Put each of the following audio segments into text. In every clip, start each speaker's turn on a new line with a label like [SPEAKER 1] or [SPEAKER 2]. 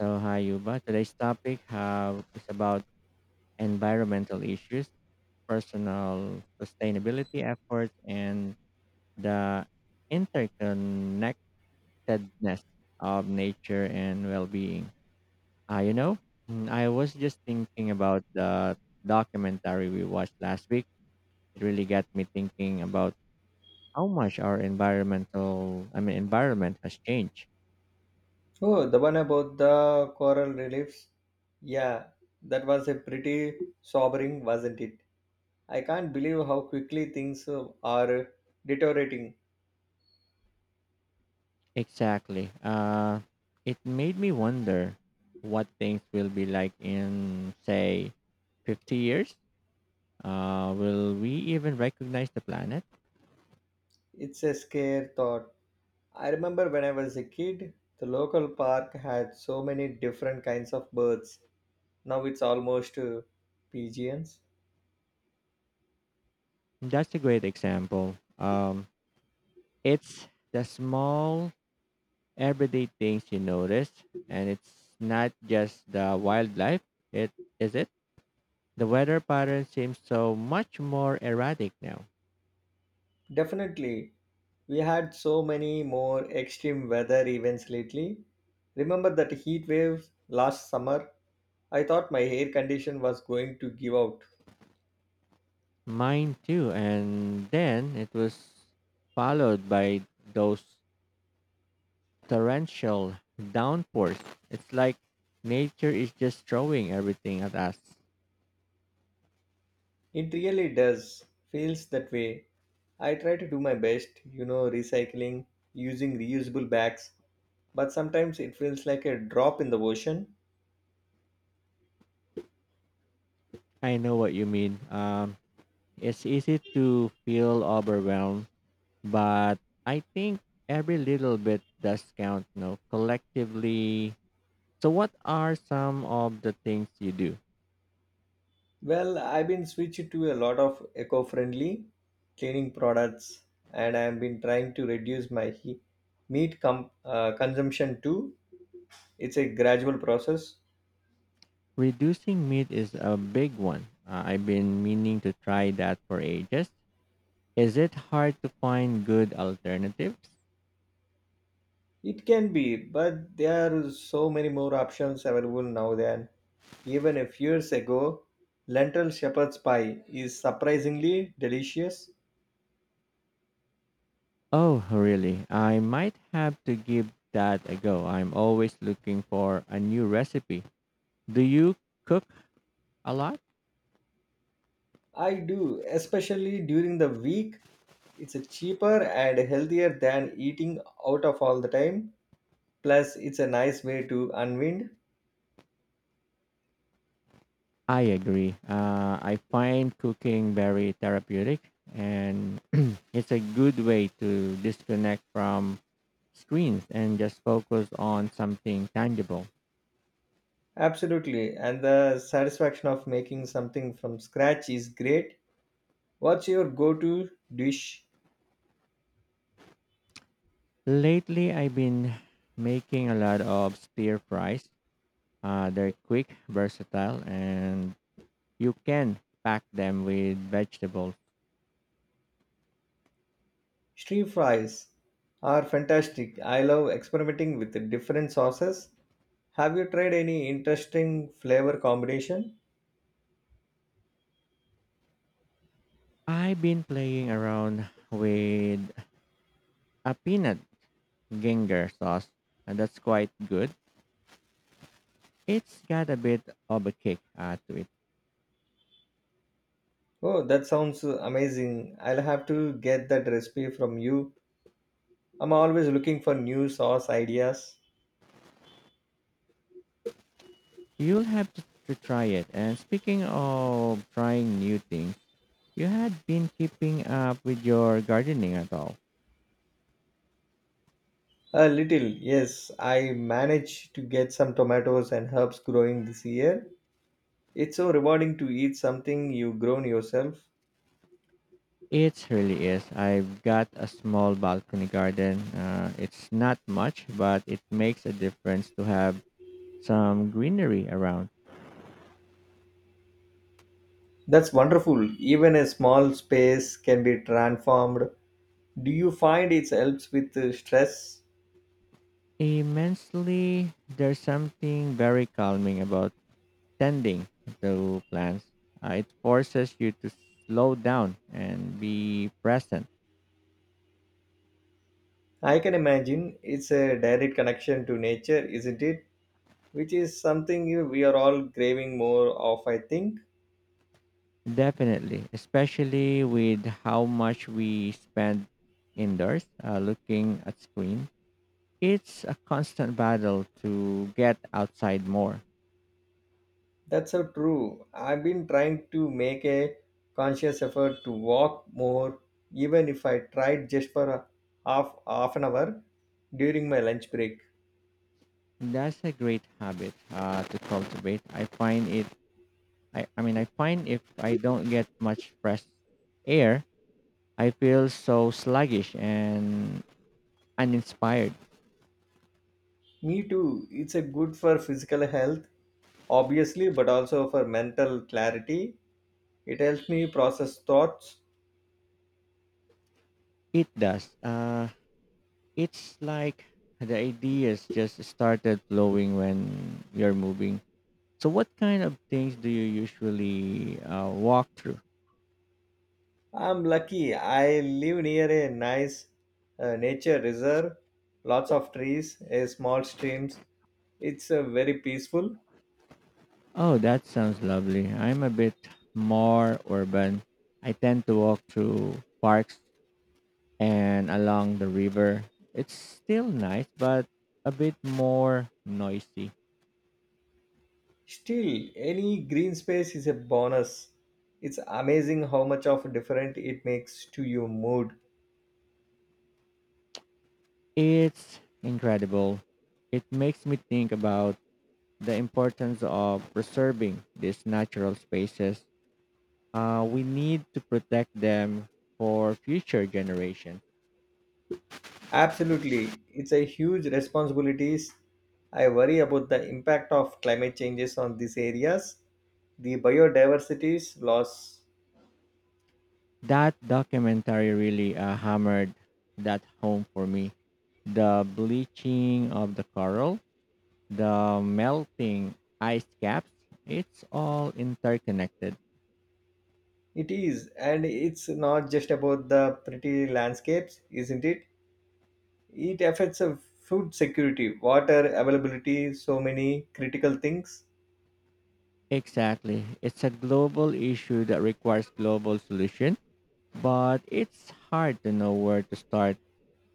[SPEAKER 1] So, hi, Yuba. Today's topic have, is about environmental issues, personal sustainability efforts, and the interconnectedness of nature and well being. Uh, you know, I was just thinking about the documentary we watched last week. It really got me thinking about how much our I mean, environment has changed.
[SPEAKER 2] Oh, the one about the coral reliefs. Yeah, that was a pretty sobering, wasn't it? I can't believe how quickly things are deteriorating.
[SPEAKER 1] Exactly. It made me wonder what things will be like in, say, 50 years. Will we even recognize the planet?
[SPEAKER 2] It's a scare thought. I remember when I was a kid, the local park had so many different kinds of birds. Now it's almost pigeons.
[SPEAKER 1] That's a great example. It's the small, everyday things you notice, and it's not just the wildlife. It is it. The weather pattern seems so much more erratic now.
[SPEAKER 2] Definitely. We had so many more extreme weather events lately. Remember that heat wave last summer? I thought my hair condition was going to give out.
[SPEAKER 1] Mine too, and then it was followed by those torrential downpours. It's like nature is just throwing everything at us.
[SPEAKER 2] It really does. Feels that way. I try to do my best, you know, recycling, using reusable bags, but sometimes it feels like a drop in the ocean.
[SPEAKER 1] I know what you mean. It's easy to feel overwhelmed, but I think every little bit does count, you know, collectively. So, what are some of the things you do?
[SPEAKER 2] Well, I've been switched to a lot of eco-friendly cleaning products, and I've been trying to reduce my meat consumption too. It's a gradual process.
[SPEAKER 1] Reducing meat is a big one. I've been meaning to try that for ages. Is it hard to find good alternatives?
[SPEAKER 2] It can be, but there are so many more options available now than even a few years ago. Lentil shepherd's pie is surprisingly delicious.
[SPEAKER 1] Oh, really? I might have to give that a go. I'm always looking for a new recipe. Do you cook a lot?
[SPEAKER 2] I do, especially during the week. It's a cheaper and healthier than eating out of all the time, plus it's a nice way to unwind.
[SPEAKER 1] I agree. I find cooking very therapeutic and it's a good way to disconnect from screens and just focus on something tangible.
[SPEAKER 2] Absolutely, and the satisfaction of making something from scratch is great. What's your go-to dish?
[SPEAKER 1] Lately, I've been making a lot of stir fries. They're quick, versatile, and you can pack them with vegetables.
[SPEAKER 2] Street fries are fantastic. I love experimenting with the different sauces. Have you tried any interesting flavor combination?
[SPEAKER 1] I've been playing around with a peanut ginger sauce, and that's quite good. It's got a bit of a kick to it.
[SPEAKER 2] Oh, that sounds amazing. I'll have to get that recipe from you. I'm always looking for new sauce ideas.
[SPEAKER 1] You'll have to try it. And speaking of trying new things, you had been keeping up with your gardening at all.
[SPEAKER 2] A little, yes. I managed to get some tomatoes and herbs growing this year. It's so rewarding to eat something you've grown yourself.
[SPEAKER 1] It really is. I've got a small balcony garden. It's not much, but it makes a difference to have some greenery around.
[SPEAKER 2] That's wonderful. Even a small space can be transformed. Do you find it helps with stress?
[SPEAKER 1] Immensely, there's something very calming about tending to plants. It forces you to slow down and be present.
[SPEAKER 2] I can imagine it's a direct connection to nature, isn't it? Which is something we are all craving more of, I think.
[SPEAKER 1] Definitely, especially with how much we spend indoors looking at screen. It's a constant battle to get outside more.
[SPEAKER 2] That's so true. I've been trying to make a conscious effort to walk more, even if I tried just for a half an hour during my lunch break.
[SPEAKER 1] That's a great habit to cultivate. I find if I don't get much fresh air, I feel so sluggish and uninspired.
[SPEAKER 2] Me too. It's a good for physical health, obviously, but also for mental clarity. It helps me process thoughts.
[SPEAKER 1] It does. It's like the ideas just started flowing when you're moving. So, what kind of things do you usually walk through?
[SPEAKER 2] I'm lucky. I live near a nice nature reserve, lots of trees, a small streams. It's very peaceful.
[SPEAKER 1] Oh, that sounds lovely. I'm a bit more urban. I tend to walk through parks and along the river. It's still nice, but a bit more noisy.
[SPEAKER 2] Still, any green space is a bonus. It's amazing how much of a different it makes to your mood.
[SPEAKER 1] It's incredible. It makes me think about the importance of preserving these natural spaces. We need to protect them for future generations.
[SPEAKER 2] Absolutely, it's a huge responsibilities. I worry about the impact of climate changes on these areas, the biodiversity's loss.
[SPEAKER 1] That documentary really hammered that home for me. The bleaching of the coral, the melting ice caps, it's all interconnected.
[SPEAKER 2] It is, and it's not just about the pretty landscapes, isn't it? It affects food security, water availability, so many critical things.
[SPEAKER 1] Exactly. It's a global issue that requires global solutions, but it's hard to know where to start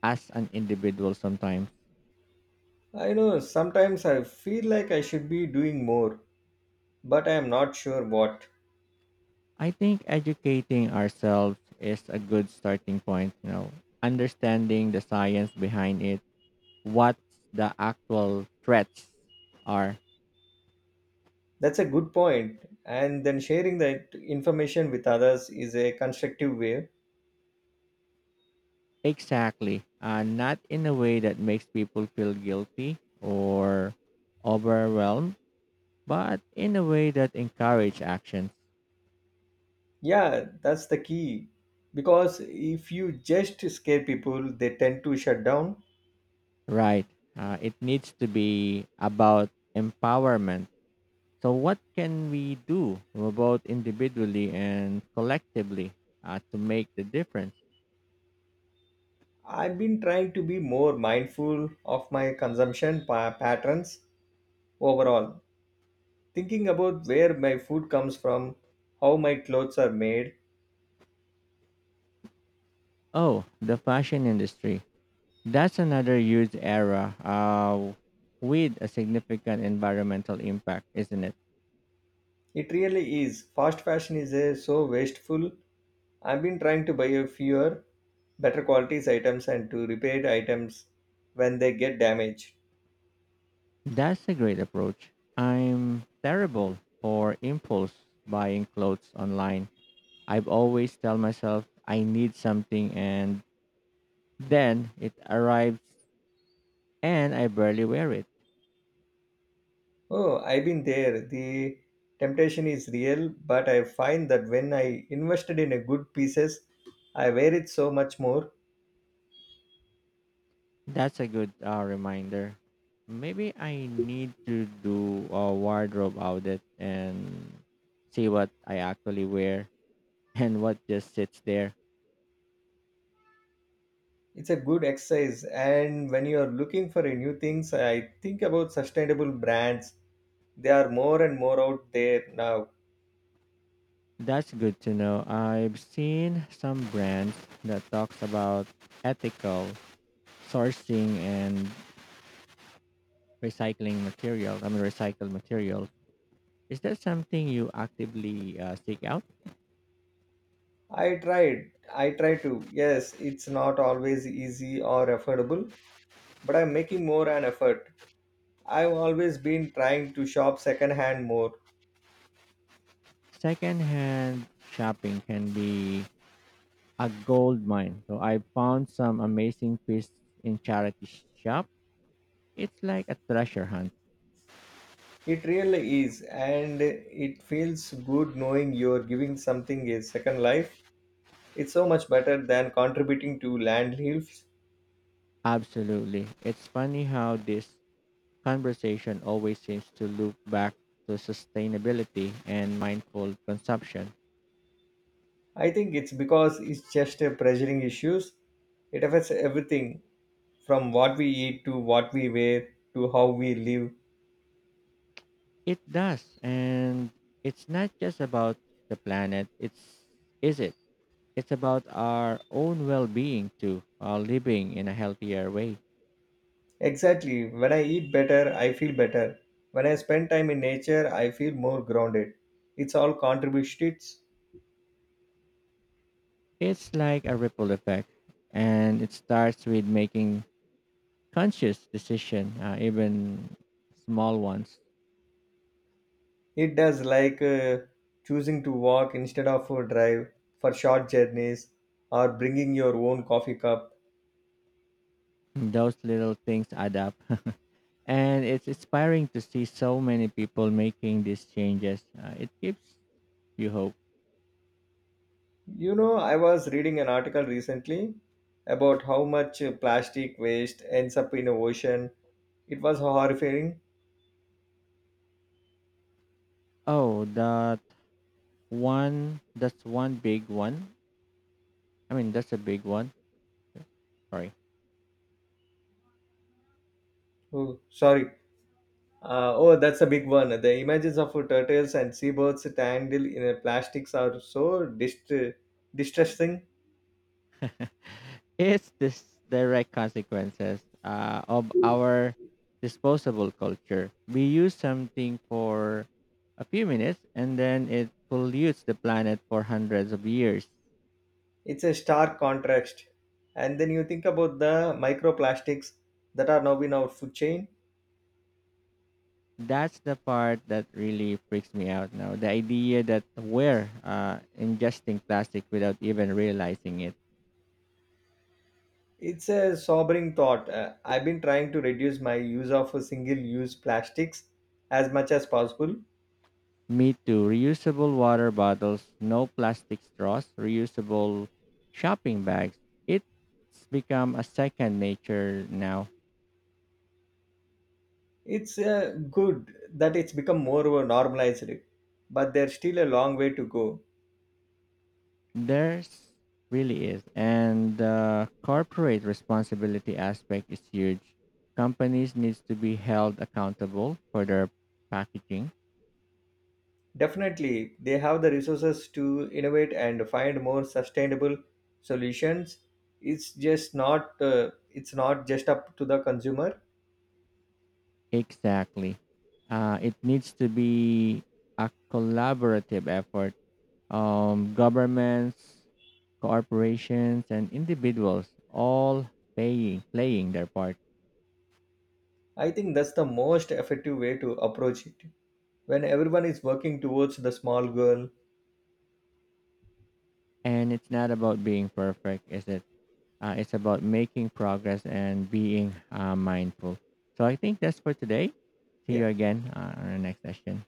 [SPEAKER 1] as an individual sometimes.
[SPEAKER 2] I know sometimes I feel like I should be doing more, but I am not sure what.
[SPEAKER 1] I think educating ourselves is a good starting point, you know, understanding the science behind it, what the actual threats are.
[SPEAKER 2] That's a good point. And then sharing that information with others is a constructive way.
[SPEAKER 1] Exactly, and not in a way that makes people feel guilty or overwhelmed, but in a way that encourage actions.
[SPEAKER 2] Yeah, that's the key. Because if you just scare people, they tend to shut down.
[SPEAKER 1] Right. It needs to be about empowerment. So, what can we do both individually and collectively to make the difference?
[SPEAKER 2] I've been trying to be more mindful of my consumption patterns overall, thinking about where my food comes from, how my clothes are made.
[SPEAKER 1] Oh, the fashion industry. That's another huge era with a significant environmental impact, isn't it?
[SPEAKER 2] It really is. Fast fashion is so wasteful. I've been trying to buy a fewer, better qualities items and to repair items when they get damaged.
[SPEAKER 1] That's a great approach. I'm terrible for impulse buying clothes online. I've always tell myself I need something and then it arrives and I barely wear it.
[SPEAKER 2] Oh, I've been there. The temptation is real, but I find that when I invested in a good pieces, I wear it so much more.
[SPEAKER 1] That's a good reminder. Maybe I need to do a wardrobe audit and see what I actually wear and what just sits there.
[SPEAKER 2] It's a good exercise, and when you are looking for a new things, I think about sustainable brands. They are more and more out there now.
[SPEAKER 1] That's good to know. I've seen some brands that talks about ethical sourcing and recycling material. I mean, recycled material. Is that something you actively seek out?
[SPEAKER 2] I tried. I try to. Yes, it's not always easy or affordable, but I'm making more an effort. I've always been trying to shop secondhand more.
[SPEAKER 1] Secondhand shopping can be a gold mine. So I found some amazing pieces in charity shop. It's like a treasure hunt.
[SPEAKER 2] It really is, and it feels good knowing you're giving something a second life. It's so much better than contributing to landfills.
[SPEAKER 1] Absolutely. It's funny how this conversation always seems to loop back to sustainability and mindful consumption.
[SPEAKER 2] I think it's because it's just a pressuring issues. It affects everything from what we eat to what we wear to how we live.
[SPEAKER 1] It does. And it's not just about the planet. It's is it? It's about our own well-being too, while living in a healthier way.
[SPEAKER 2] Exactly. When I eat better, I feel better. When I spend time in nature, I feel more grounded. It's all contributes.
[SPEAKER 1] It's like a ripple effect and it starts with making conscious decision, even small ones.
[SPEAKER 2] It does, like choosing to walk instead of a drive for short journeys or bringing your own coffee cup.
[SPEAKER 1] Those little things add up. And it's inspiring to see so many people making these changes. It gives you hope.
[SPEAKER 2] You know, I was reading an article recently about how much plastic waste ends up in the ocean. It was horrifying.
[SPEAKER 1] Oh, that one, that's one big one. I mean, that's a big one. Sorry.
[SPEAKER 2] Oh, sorry. Oh, that's a big one. The images of turtles and seabirds tangled in a plastics are so distressing.
[SPEAKER 1] It's this direct consequences of our disposable culture. We use something for a few minutes and then it pollutes the planet for hundreds of years.
[SPEAKER 2] It's a stark contrast. And then you think about the microplastics that are now in our food chain.
[SPEAKER 1] That's the part that really freaks me out now. The idea that we're ingesting plastic without even realizing it.
[SPEAKER 2] It's a sobering thought. I've been trying to reduce my use of single-use plastics as much as possible.
[SPEAKER 1] Me too. Reusable water bottles, no plastic straws, reusable shopping bags. It's become a second nature now.
[SPEAKER 2] It's good that it's become more normalized, but there's still a long way to go.
[SPEAKER 1] There's really is. And the corporate responsibility aspect is huge. Companies needs to be held accountable for their packaging.
[SPEAKER 2] Definitely, they have the resources to innovate and find more sustainable solutions. It's just not it's not just up to the consumer.
[SPEAKER 1] Exactly. It needs to be a collaborative effort, governments, corporations, and individuals all playing their part.
[SPEAKER 2] I think that's the most effective way to approach it when everyone is working towards the small goal.
[SPEAKER 1] And it's not about being perfect, is it? It's about making progress and being mindful. So I think that's for today. See
[SPEAKER 2] Yeah.
[SPEAKER 1] you again on our next session.